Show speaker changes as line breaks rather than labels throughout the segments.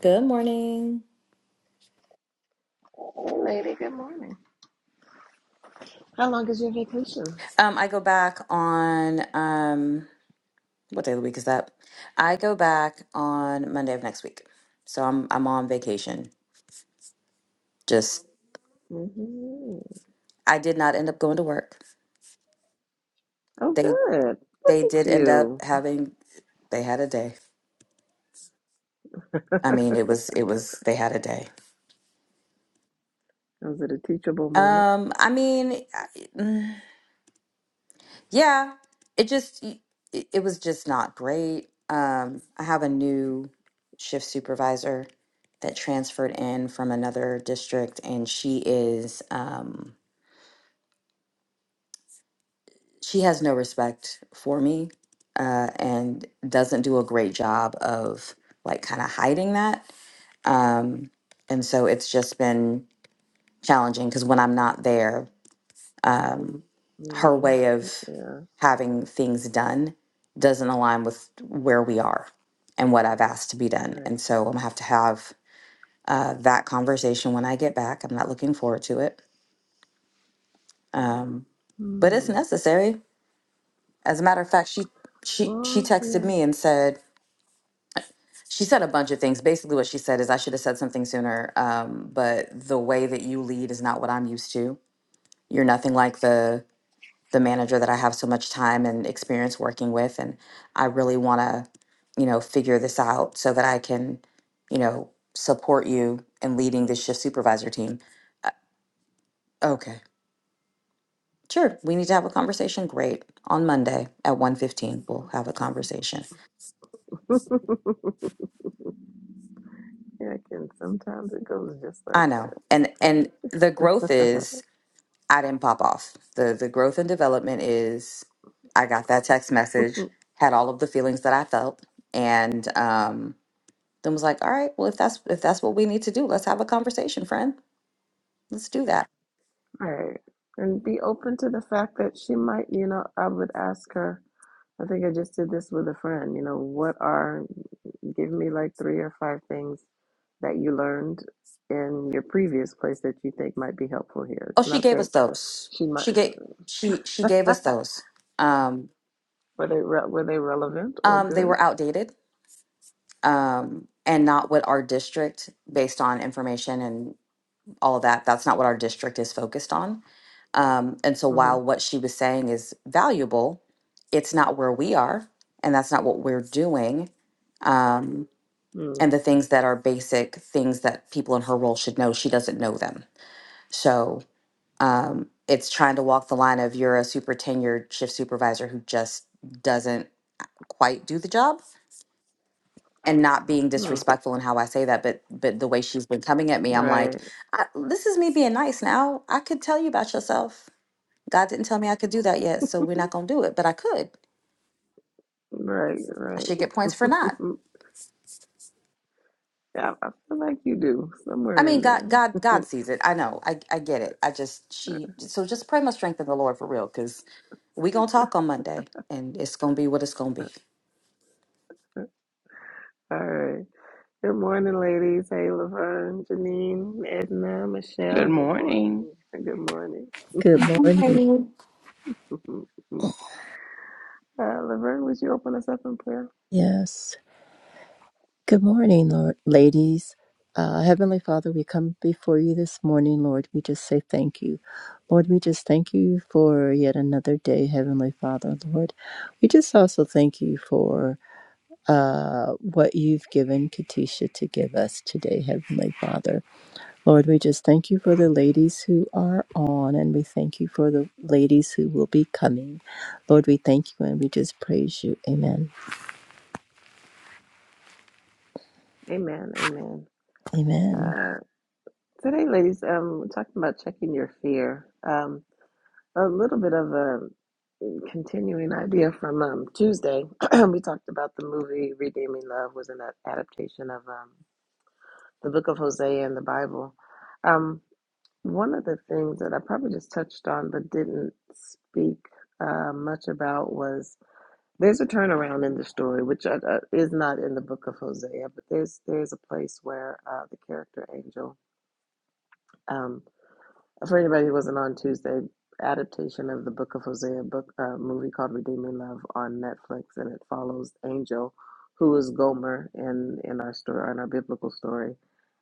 Good morning.
Hey, lady, good morning. How long is your vacation?
Um, I go back on um, what day of the week is that? I go back on Monday of next week, so I'm I'm on vacation. Just
hmm
I did not end up going to work.
Oh,
They
good. Look
they did
at
end up
you.
having they had a day. I mean, it was it was they had a day.
Was it a teachable moment?
Um, I mean, Yeah, it just it, it was just not great. Um, I have a new shift supervisor that transferred in from another district, and she is um, she has no respect for me, uh, and doesn't do a great job of like kind of hiding that. Um, and so it's just been challenging because when I'm not there. um, her
Mm,
way of
yeah,
having things done doesn't align with where we are and what I've asked to be done.
right.
And so I'm gonna have to have uh, that conversation when I get back. I'm not looking forward to it, um, but it's
Hmm.
necessary. As a matter of fact, she she she
Well,
texted
yeah.
me and said she said a bunch of things. Basically, what she said is I should have said something sooner, um, but the way that you lead is not what I'm used to. You're nothing like the the manager that I have so much time and experience working with. And I really want to, you know, figure this out so that I can, you know, support you in leading this shift supervisor team. Uh, okay. Sure. We need to have a conversation. Great. On Monday at one we we'll have a conversation.
yeah, I can. Sometimes it goes just like
I know. And, and the growth
that.
is I didn't pop off. The, the growth and development is I got that text message, had all of the feelings that I felt. And, um, Then was like, all right, well, if that's if that's what we need to do, let's have a conversation, friend. Let's do that.
right. And be open to the fact that she might, you know, I would ask her, I think I just did this with a friend, you know, what are Give me like three or five things that you learned in your previous place that you think might be helpful here.
Oh,
It's
she
not
gave
that
us those.
she might
She gave she she gave us those. Um,
were they re- were they relevant or
um, they
good?
were outdated, um, and not what our district, based on information and all of that, that's not what our district is focused on. Um, and so
Mm-hmm.
while what she was saying is valuable, it's not where we are, and that's not what we're doing. Um,
hmm
and the things that are basic things that people in her role should know, she doesn't know them So um, it's trying to walk the line of you're a super tenured shift supervisor who just doesn't quite do the job and not being
mm Mm.
disrespectful in how I say that, but but the way she's been coming at me, I'm like,
Right,
I, this is me being nice now. I could tell you about yourself. God didn't tell me I could do that yet, so we're not gonna do it, but I could.
right,
I
right.
should get points for not.
yeah, I feel like you do
I
somewhere
mean,
in
God,
there.
God, God sees it. I know. I, I get it. I just, she, so just pray my strength in the Lord for real, because we gonna talk on Monday, and it's gonna be what it's gonna be.
All right. Good morning, ladies. Hey, Laverne, Janine, Edna,
Good
Michelle. Good morning.
morning.
Good morning.
Good morning.
Morning.
Uh, Laverne, would you open us up in prayer?
Yes. Good morning, Lord, ladies. Uh, Heavenly Father, we come before you this morning, Lord. We just say thank you. Lord, we just thank you for yet another day, Heavenly Father, Lord. We just also thank you for uh, what you've given Katisha to give us today, Heavenly Father. Lord, we just thank you for the ladies who are on, and we thank you for the ladies who will be coming. Lord, we thank you and we just praise you. Amen.
Amen. Amen.
Amen.
Uh. Today, ladies, um, we're talking about checking your fear. Um, a little bit of a continuing idea from um, Tuesday. we talked about the movie Redeeming Love was an a- adaptation of um, the book of Hosea in the Bible. Um, one of the things that I probably just touched on but didn't speak uh, much about was there's a turnaround in the story, which uh, uh, is not in the book of Hosea, but there's there's a place where uh, the character angel. Um, For anybody who wasn't on Tuesday, adaptation of the Book of Hosea book uh, movie called Redeeming Love on Netflix, and it follows Angel, who is Gomer in in our story, in our biblical story,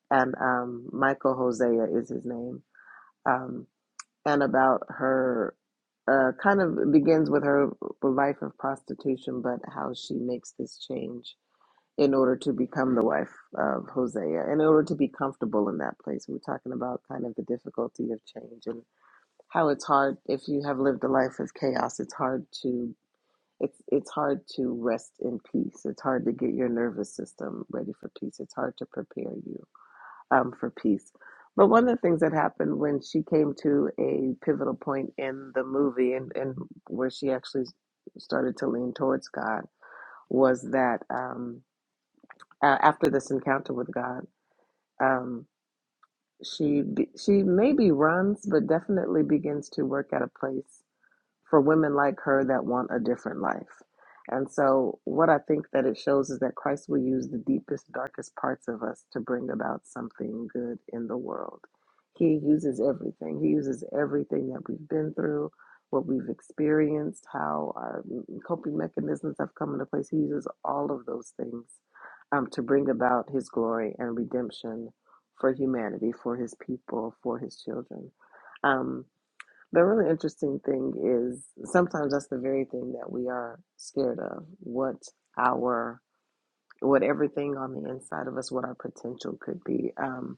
and um, Michael Hosea is his name, um, and about her. Uh, kind of begins with her life of prostitution, but how she makes this change in order to become the wife of Hosea, in order to be comfortable in that place. We're talking about kind of the difficulty of change and how it's hard if you have lived a life of chaos it's hard to it's it's hard to rest in peace it's hard to get your nervous system ready for peace it's hard to prepare you um, for peace but one of the things that happened when she came to a pivotal point in the movie and, and where she actually started to lean towards god was that um, a- after this encounter with god um, she be- she maybe runs but definitely begins to work at a place for women like her that want a different life. And so, what I think that it shows is that Christ will use the deepest, darkest parts of us to bring about something good in the world. He uses everything, He uses everything that we've been through, what we've experienced, how our coping mechanisms have come into place. He uses all of those things um, to bring about His glory and redemption for humanity, for His people, for His children. Um, the really interesting thing is sometimes that's the very thing that we are scared of. What our, what everything on the inside of us, what our potential could be. Um,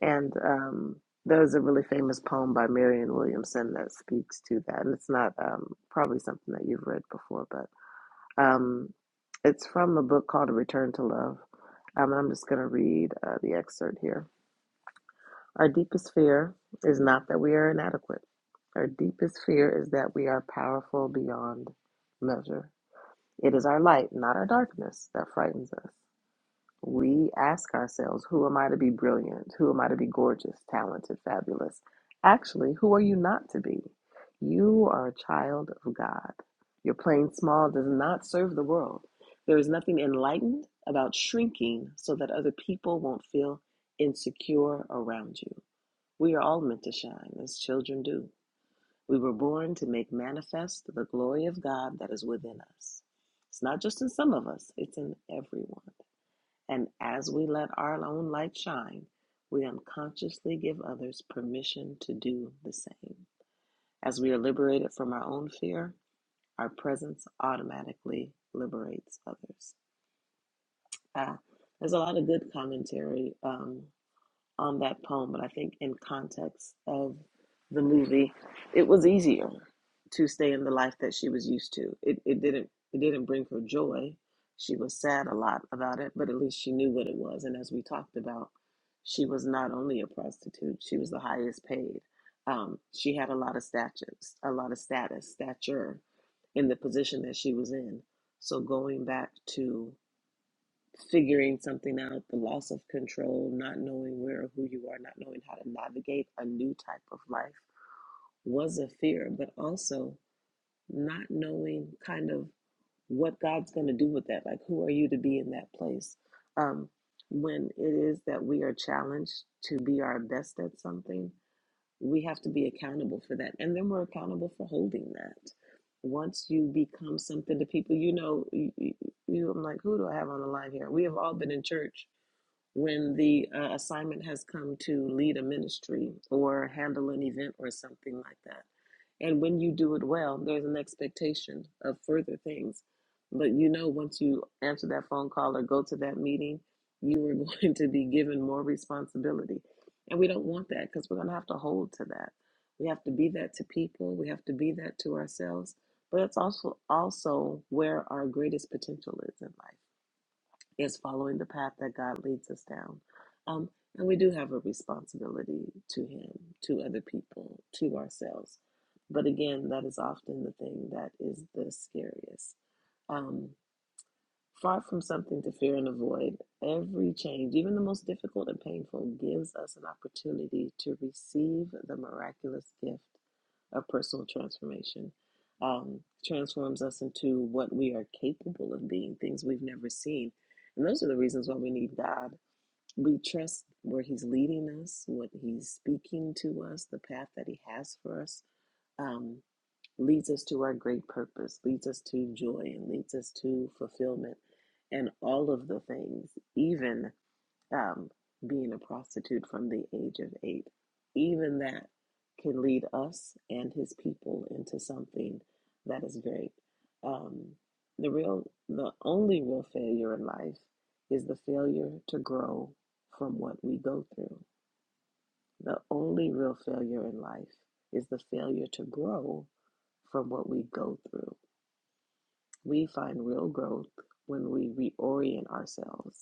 and um, there's a really famous poem by Marion Williamson that speaks to that. And it's not um, probably something that you've read before, but um, it's from a book called A Return to Love. Um, I'm just going to read uh, the excerpt here. Our deepest fear is not that we are inadequate. Our deepest fear is that we are powerful beyond measure. It is our light, not our darkness, that frightens us. We ask ourselves, who am I to be brilliant? Who am I to be gorgeous, talented, fabulous? Actually, who are you not to be? You are a child of God. Your playing small does not serve the world. There is nothing enlightened about shrinking so that other people won't feel insecure around you. We are all meant to shine as children do. We were born to make manifest the glory of God that is within us. It's not just in some of us, it's in everyone. And as we let our own light shine, we unconsciously give others permission to do the same. As we are liberated from our own fear, our presence automatically liberates others. Uh, there's a lot of good commentary. Um, on that poem, but I think in context of the movie, it was easier to stay in the life that she was used to. It it didn't it didn't bring her joy. She was sad a lot about it, but at least she knew what it was. And as we talked about, she was not only a prostitute; she was the highest paid. Um, she had a lot of status, a lot of status, stature, in the position that she was in. So going back to figuring something out, the loss of control, not knowing where or who you are, not knowing how to navigate a new type of life was a fear, but also not knowing kind of what God's going to do with that. Like, who are you to be in that place? Um, when it is that we are challenged to be our best at something, we have to be accountable for that. And then we're accountable for holding that. Once you become something to people, you know, you, you, I'm like, who do I have on the line here? We have all been in church when the uh, assignment has come to lead a ministry or handle an event or something like that. And when you do it well, there's an expectation of further things. But you know, once you answer that phone call or go to that meeting, you are going to be given more responsibility. And we don't want that because we're going to have to hold to that. We have to be that to people, we have to be that to ourselves. But it's also also where our greatest potential is in life is following the path that God leads us down. Um, and we do have a responsibility to Him, to other people, to ourselves. But again, that is often the thing that is the scariest. Um, far from something to fear and avoid, every change, even the most difficult and painful, gives us an opportunity to receive the miraculous gift of personal transformation um, transforms us into what we are capable of being, things we've never seen. And those are the reasons why we need God. We trust where He's leading us, what He's speaking to us, the path that He has for us um, leads us to our great purpose, leads us to joy, and leads us to fulfillment, and all of the things, even um, being a prostitute from the age of eight. Even that can lead us and his people into something that is great. Um, the real, the only real failure in life is the failure to grow from what we go through. The only real failure in life is the failure to grow from what we go through. We find real growth when we reorient ourselves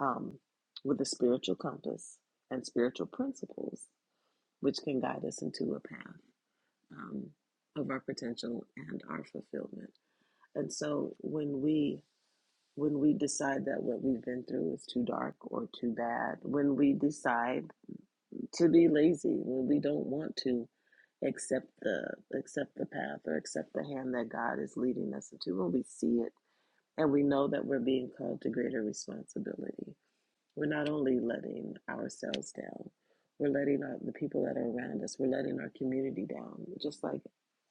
um, with a spiritual compass and spiritual principles, which can guide us into a path um, of our potential and our fulfillment. And so when we when we decide that what we've been through is too dark or too bad, when we decide to be lazy, when we don't want to accept the accept the path or accept the hand that God is leading us into, when we see it and we know that we're being called to greater responsibility We're not only letting ourselves down, we're letting our, the people that are around us, we're letting our community down, just like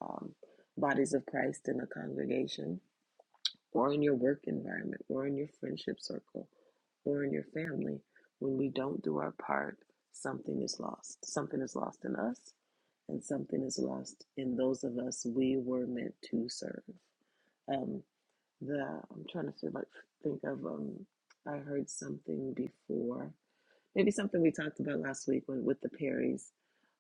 um, bodies of Christ in a congregation or in your work environment or in your friendship circle or in your family. When we don't do our part, something is lost. Something is lost in us and something is lost in those of us we were meant to serve. Um, the I'm trying to feel like think of um, I heard something before Maybe something we talked about last week when, with the Perrys,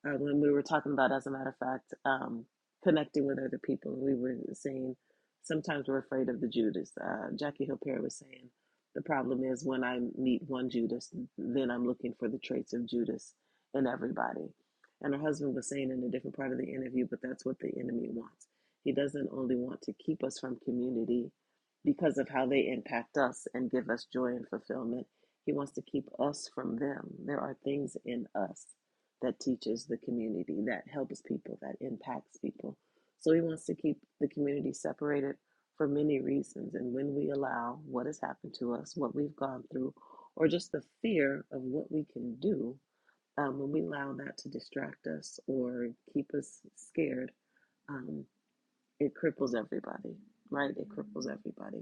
uh, when we were talking about, as a matter of fact, um, connecting with other people. We were saying sometimes we're afraid of the Judas. Uh, Jackie Hill Perry was saying the problem is when I meet one Judas, then I'm looking for the traits of Judas in everybody. And her husband was saying in a different part of the interview, but that's what the enemy wants. He doesn't only want to keep us from community because of how they impact us and give us joy and fulfillment he wants to keep us from them. There are things in us that teaches the community, that helps people, that impacts people. So he wants to keep the community separated for many reasons. And when we allow what has happened to us, what we've gone through, or just the fear of what we can do, um, when we allow that to distract us or keep us scared, um, it cripples everybody, right? It cripples everybody.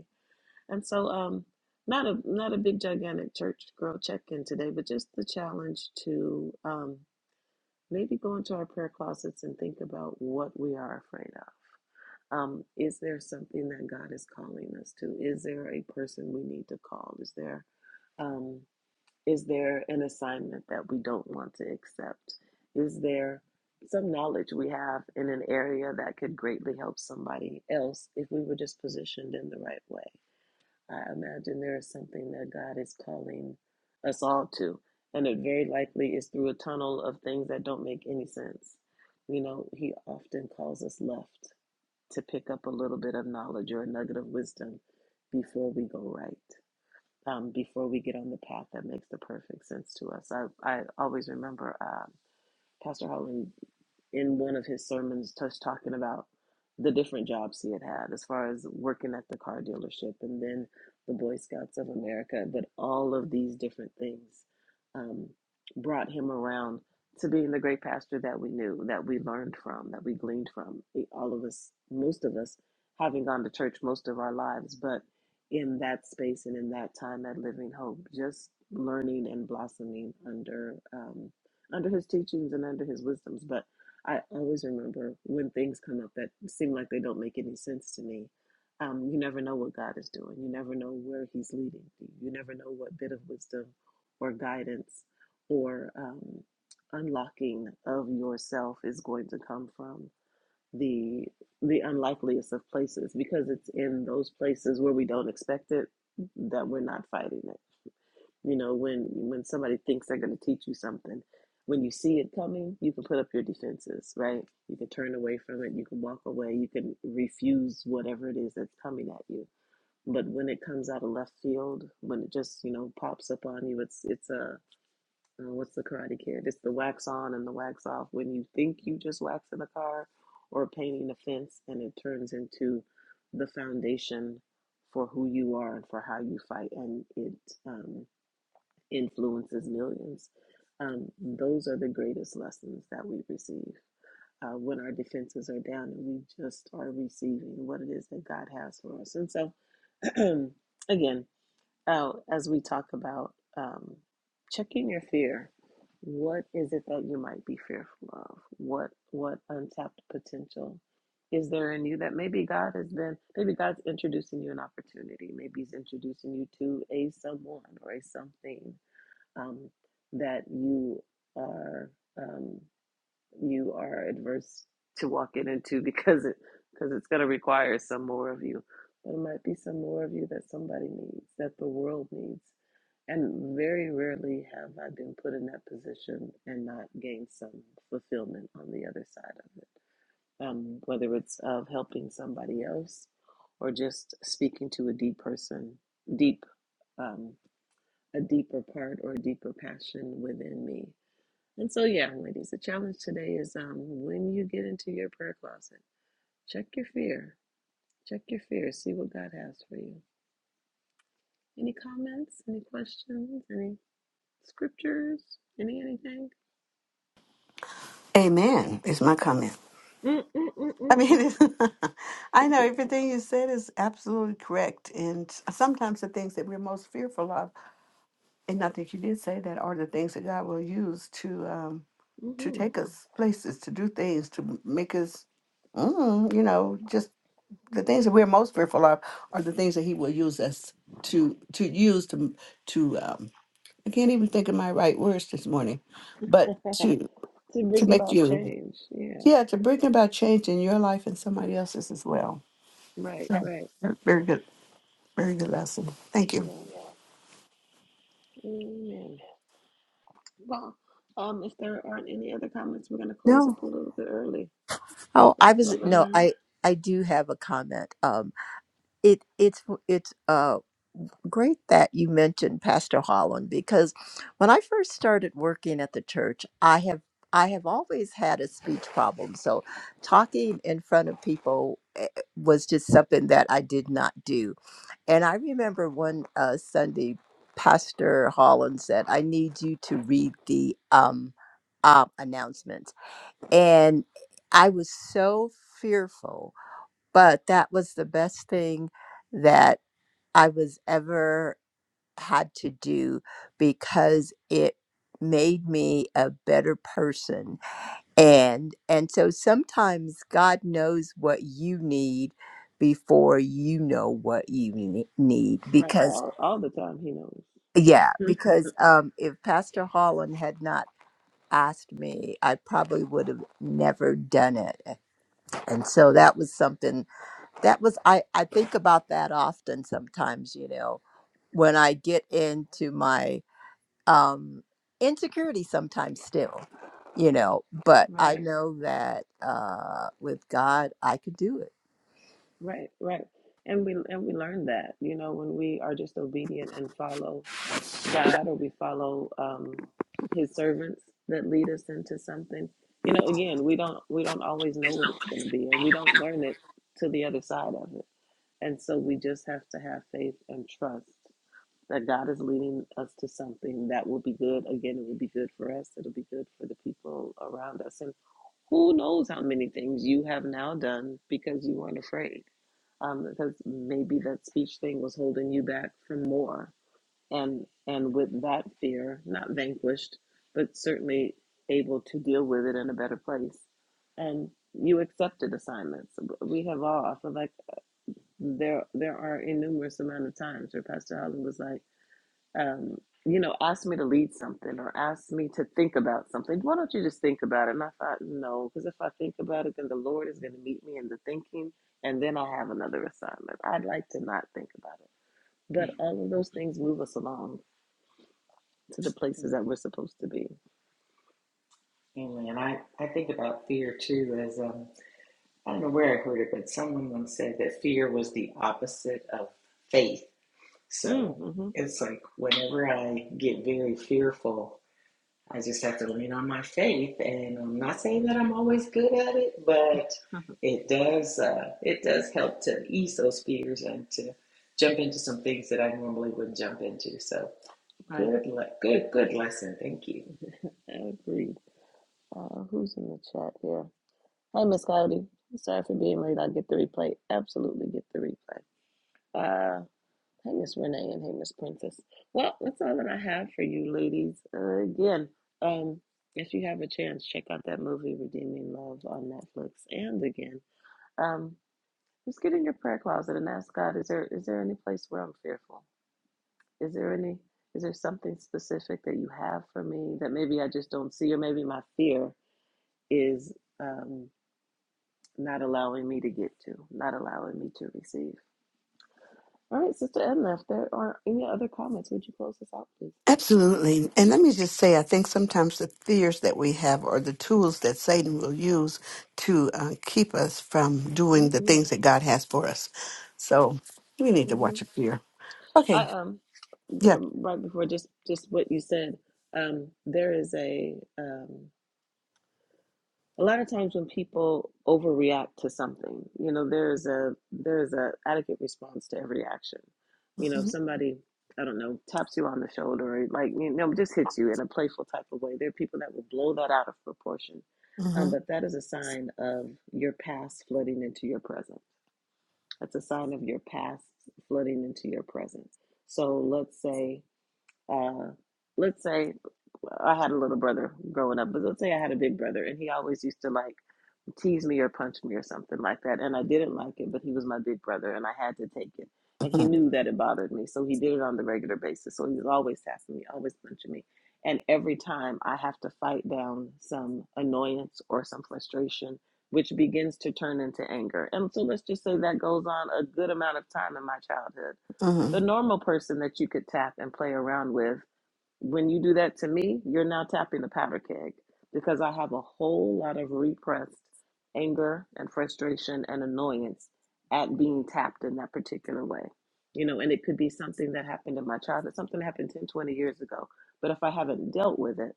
And so, um, not a not a big gigantic church girl check in today, but just the challenge to um, maybe go into our prayer closets and think about what we are afraid of. Um, is there something that God is calling us to? Is there a person we need to call? Is there um, is there an assignment that we don't want to accept? Is there some knowledge we have in an area that could greatly help somebody else if we were just positioned in the right way? I imagine there is something that God is calling us all to. And it very likely is through a tunnel of things that don't make any sense. You know, He often calls us left to pick up a little bit of knowledge or a nugget of wisdom before we go right, um, before we get on the path that makes the perfect sense to us. I, I always remember um Pastor Holland in one of his sermons just talking about the different jobs he had had as far as working at the car dealership and then the boy scouts of america but all of these different things um, brought him around to being the great pastor that we knew that we learned from that we gleaned from E- all of us most of us having gone to church most of our lives but in that space and in that time at living hope just learning and blossoming under um, under his teachings and under his wisdoms but I always remember when things come up that seem like they don't make any sense to me. Um, you never know what God is doing. You never know where He's leading you. You never know what bit of wisdom or guidance or um, unlocking of yourself is going to come from the the unlikeliest of places because it's in those places where we don't expect it that we're not fighting it you know, when when somebody thinks they're going to teach you something, when you see it coming, you can put up your defenses, right? You can turn away from it, you can walk away, you can refuse whatever it is that's coming at you. But when it comes out of left field, when it just you know pops up on you, it's it's a uh, what's the Karate Kid? It's the wax on and the wax off. When you think you just waxing a car or painting a fence, and it turns into the foundation for who you are and for how you fight, and it. Um, influences millions. Um, those are the greatest lessons that we receive uh, when our defenses are down and we just are receiving what it is that God has for us. And so, again, uh, as we talk about um, checking your fear, what is it that you might be fearful of? What what untapped potential is there in you that maybe God has been, maybe God's introducing you an opportunity, maybe He's introducing you to a someone or a something um, that you are um, you are adverse to walking into because it because it's going to require some more of you but it might be some more of you that somebody needs that the world needs and very rarely have i been put in that position and not gained some fulfillment on the other side of it um, whether it's of helping somebody else or just speaking to a deep person deep um, a deeper part or a deeper passion within me. And so, yeah, ladies, the challenge today is um, when you get into your prayer closet, check your fear. Check your fear. See what God has for you. Any comments? Any questions? Any scriptures? Any anything?
Amen is my comment.
Mm, mm, mm,
I
mm,
mean, I know everything you said is absolutely correct. And sometimes the things that we're most fearful of, and not that you did say that, are the things that God will use to um, to
mm,
take us places, to do things, to make us, mm, you know, just the things that we're most fearful of are the things that He will use us to to use to to. Um, I can't even think of my right words this morning, but
mhm.
to
to
to
bring
make
about
you
change. Yeah,
Yeah, to bring about change in your life and somebody else's as well.
right,
So,
right.
very good, very good lesson. Thank you.
Yeah, amen. Well, um, if there aren't any other comments, we're going to close
No.
up a little bit early.
Oh,
So,
I was no,
Laverne.
I I do have a comment. Um it it's it's uh great that you mentioned Pastor Holland because when I first started working at the church, I have I have always had a speech problem. So talking in front of people eh, was just something that I did not do. And I remember one uh, Sunday Pastor Holland said, "I need you to read the um uh, announcements." and I was so fearful, but that was the best thing that I was ever had to do because it made me a better person and and so sometimes god knows what you need before you know what you ne- need
Right,
because
all all the time he knows.
yeah because um if pastor holland had not asked me i probably would have never done it and so that was something that was i i think about that often sometimes you know when i get into my um insecurity sometimes still you know but i
Right,
know that uh with god i could do it
right, right. And we and we learn that, you know, when we are just obedient and follow God or we follow um his servants that lead us into something. You know, again, we don't we don't always know what it's going to be and we don't learn it to the other side of it. And so we just have to have faith and trust that God is leading us to something that will be good. Again, it will be good for us. It'll be good for the people around us. and. Who knows how many things you have now done because you weren't afraid? Um, because maybe that speech thing was holding you back from more, and and with that fear not vanquished, but certainly able to deal with it in a better place, and you accepted assignments. We have all. I feel like there there are innumerous amount of times where Pastor Holland was like um, you know, asked me to lead something or asked me to think about something. Why don't you just think about it? And I thought, no, because if I think about it, then the Lord is going to meet me in the thinking, and then I have another assignment. I'd like to not think about it. But all of those things move us along to the places that we're supposed to be.
Amen. I, I think about fear too as um, I don't know where I heard it, but someone once said that fear was the opposite of faith. So
Mm-hmm.
it's like whenever I get very fearful, I just have to lean on my faith. And I'm not saying that I'm always good at it, but it does uh, it does help to ease those fears and to jump into some things that I normally wouldn't jump into. So
right.
good le- good good lesson. Thank you.
I agree. Uh, who's in the chat here? Hi, Miss Cloudy. Sorry for being late. I'll get the replay. Absolutely get the replay. Uh, Hey, Miss Renee, and hey, Miss Princess. Well, that's all that I have for you, ladies. Uh, again, um, if you have a chance, check out that movie Redeeming Love on Netflix. And again, um, just get in your prayer closet and ask God: Is there is there any place where I'm fearful? Is there any is there something specific that you have for me that maybe I just don't see, or maybe my fear is um, not allowing me to get to, not allowing me to receive? All right, Sister Edna, if there are any other comments, would you close this out, please?
Absolutely. And let me just say, I think sometimes the fears that we have are the tools that Satan will use to uh, keep us from doing the
hmm
things that God has for us. So we need to
hmm
watch a fear.
I
Okay.
um
Yeah.
um, right before just just what you said. Um, there is a um, a lot of times when people overreact to something, you know, there is a there is a adequate response to every action. You know, if
Mm-hmm.
somebody I don't know taps you on the shoulder or like you know just hits you in a playful type of way. There are people that will blow that out of proportion,
Mm-hmm.
um, but that is a sign of your past flooding into your present That's a sign of your past flooding into your present. So let's say, uh, let's say I had a little brother growing up, but let's say I had a big brother and he always used to like tease me or punch me or something like that. And I didn't like it, but he was my big brother and I had to take it.
Uh
And he
huh.
knew that it bothered me. So he did it on the regular basis. So he was always tapping me, always punching me. And every time I have to fight down some annoyance or some frustration, which begins to turn into anger. And so let's just say that goes on a good amount of time in my childhood
Uh
the
huh.
normal person that you could tap and play around with when you do that to me, you're now tapping the powder keg because I have a whole lot of repressed anger and frustration and annoyance at being tapped in that particular way. You know, and it could be something that happened in my childhood, something that happened 10, 20 years ago. But if I haven't dealt with it,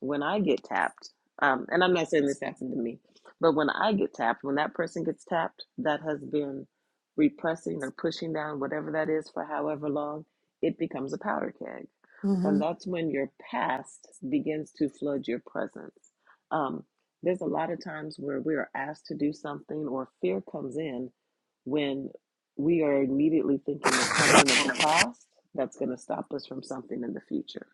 when I get tapped, um, and I'm not saying this happened to me, but when I get tapped, when that person gets tapped, that has been repressing or pushing down, whatever that is, for however long, it becomes a powder keg
Uh huh.
and that's when your past begins to flood your presence. Um, there's a lot of times where we are asked to do something, or fear comes in when we are immediately thinking of something of the past that's going to stop us from something in the future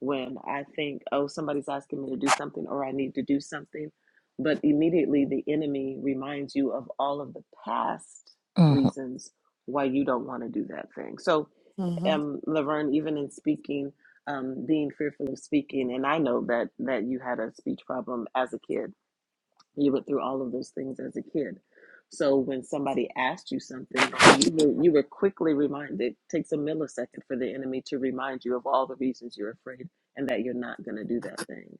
when I think, oh, somebody's asking me to do something or I need to do something. But immediately the enemy reminds you of all of the past
hmm
reasons why you don't want to do that thing. So,
Uh
um, Laverne, even in speaking, um, being fearful of speaking, and I know that that you had a speech problem as a kid you went through all of those things as a kid. So when somebody asked you something, you were you were quickly reminded. It takes a millisecond for the enemy to remind you of all the reasons you're afraid and that you're not going to do that thing.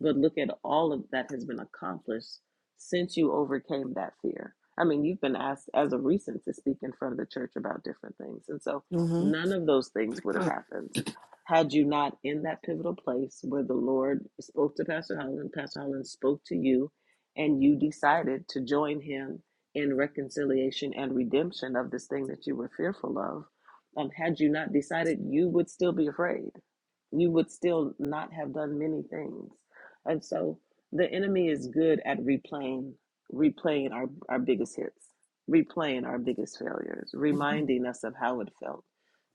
But look at all of that has been accomplished since you overcame that fear. I mean, you've been asked as of recent to speak in front of the church about different things. And so
huh.
none of those things would have happened had you not in that pivotal place where the Lord spoke to Pastor Holland, Pastor Holland spoke to you, and you decided to join him in reconciliation and redemption of this thing that you were fearful of. Um, had you not decided, you would still be afraid. You would still not have done many things. And so the enemy is good at replaying, replaying our, our biggest hits, replaying our biggest failures,
Uh huh.
reminding us of how it felt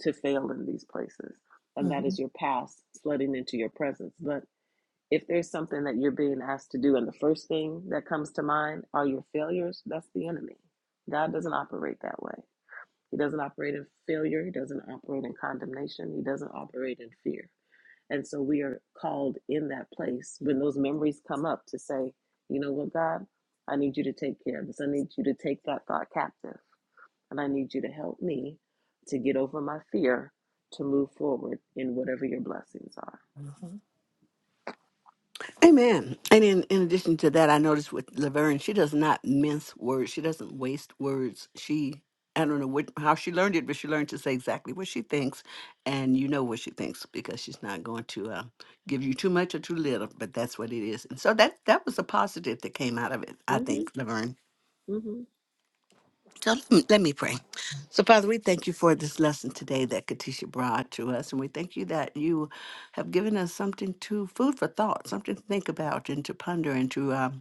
to fail in these places. And that is your past flooding into your presence. but. If there's something that you're being asked to do and the first thing that comes to mind are your failures, that's the enemy. God doesn't operate that way. He doesn't operate in failure, He doesn't operate in condemnation, He doesn't operate in fear. And so we are called in that place when those memories come up to say, you know what, God, I need you to take care of this. I need you to take that thought captive. And I need you to help me to get over my fear to move forward in whatever your blessings are.
Uh huh. Amen. And in, in addition to that, I noticed with Laverne, she does not mince words. She doesn't waste words. She, I don't know what, how she learned it, but she learned to say exactly what she thinks. And you know what she thinks because she's not going to uh, give you too much or too little, but that's what it is. And so that, that was a positive that came out of it, I think,
Mm-hmm.
Laverne.
Mm-hmm.
So let me, let me pray. So, Father, we thank you for this lesson today that Katisha brought to us. And we thank you that you have given us something to food for thought, something to think about and to ponder and to um,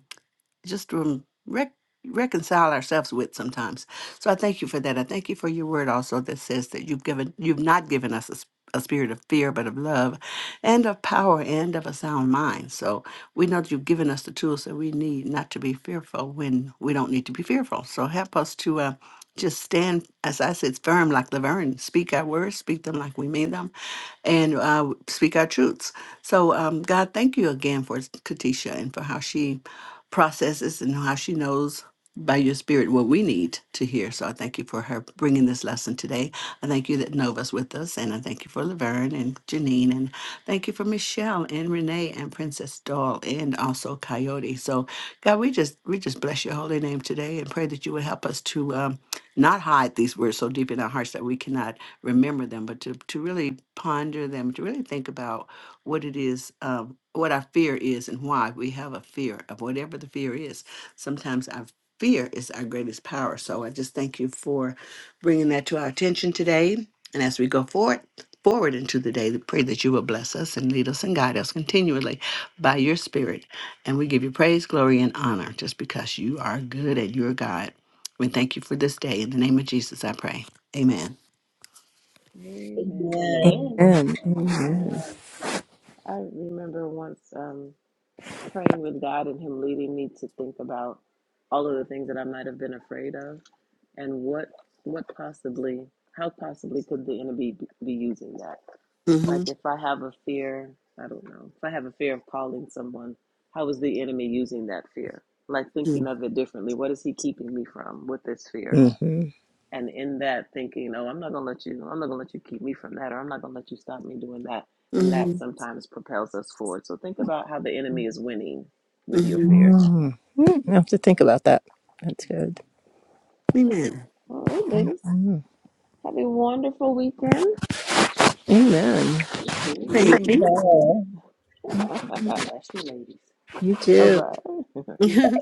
just to rec- reconcile ourselves with sometimes. So I thank you for that. I thank you for your word also that says that you've given you've not given us a, s- a spirit of fear, but of love, and of power, and of a sound mind. So we know that you've given us the tools that we need not to be fearful when we don't need to be fearful. So help us to. Uh, just stand, as I said, firm like Laverne. Speak our words, speak them like we mean them and uh, speak our truths. So, um, God, thank you again for Katisha and for how she processes and how she knows by your spirit what we need to hear. So, I thank you for her bringing this lesson today. I thank you that Nova's with us, and I thank you for Laverne and Janine, and thank you for Michelle and Renee and Princess Doll and also Coyote. So, God, we just we just bless your holy name today and pray that you would help us to um, not hide these words so deep in our hearts that we cannot remember them, but to, to really ponder them, to really think about what it is, uh, what our fear is and why we have a fear of whatever the fear is. Sometimes our fear is our greatest power. So I just thank you for bringing that to our attention today. And as we go forward, forward into the day, we pray that you will bless us and lead us and guide us continually by your spirit. And we give you praise, glory, and honor just because you are good and you're God. We thank you for this day. In the name of Jesus, I pray. Amen.
Amen.
Amen.
Amen.
Amen. Amen.
Amen. I remember once um, praying with God and Him leading me to think about all of the things that I might have been afraid of, and what what possibly, how possibly could the enemy be, be using that?
Mhm.
Like if I have a fear, I don't know, if I have a fear of calling someone, how is the enemy using that fear? Like
Mm-hmm.
thinking of it differently. What is he keeping me from with this fear?
Mm-hmm.
and in that thinking oh i'm not going to let you i'm not going to let you keep me from that or i'm not going to let you stop me doing that and that
Mm-hmm.
sometimes propels us forward so think about how the enemy is winning with your
Mm-hmm.
fear
mm I have to think about that. That's good.
Amen.
all
Amen.
right ladies
Mm.
have a wonderful weekend
Amen.
You too.
Thank
Praise
you.
God.
God bless you, ladies.
you
all
too
right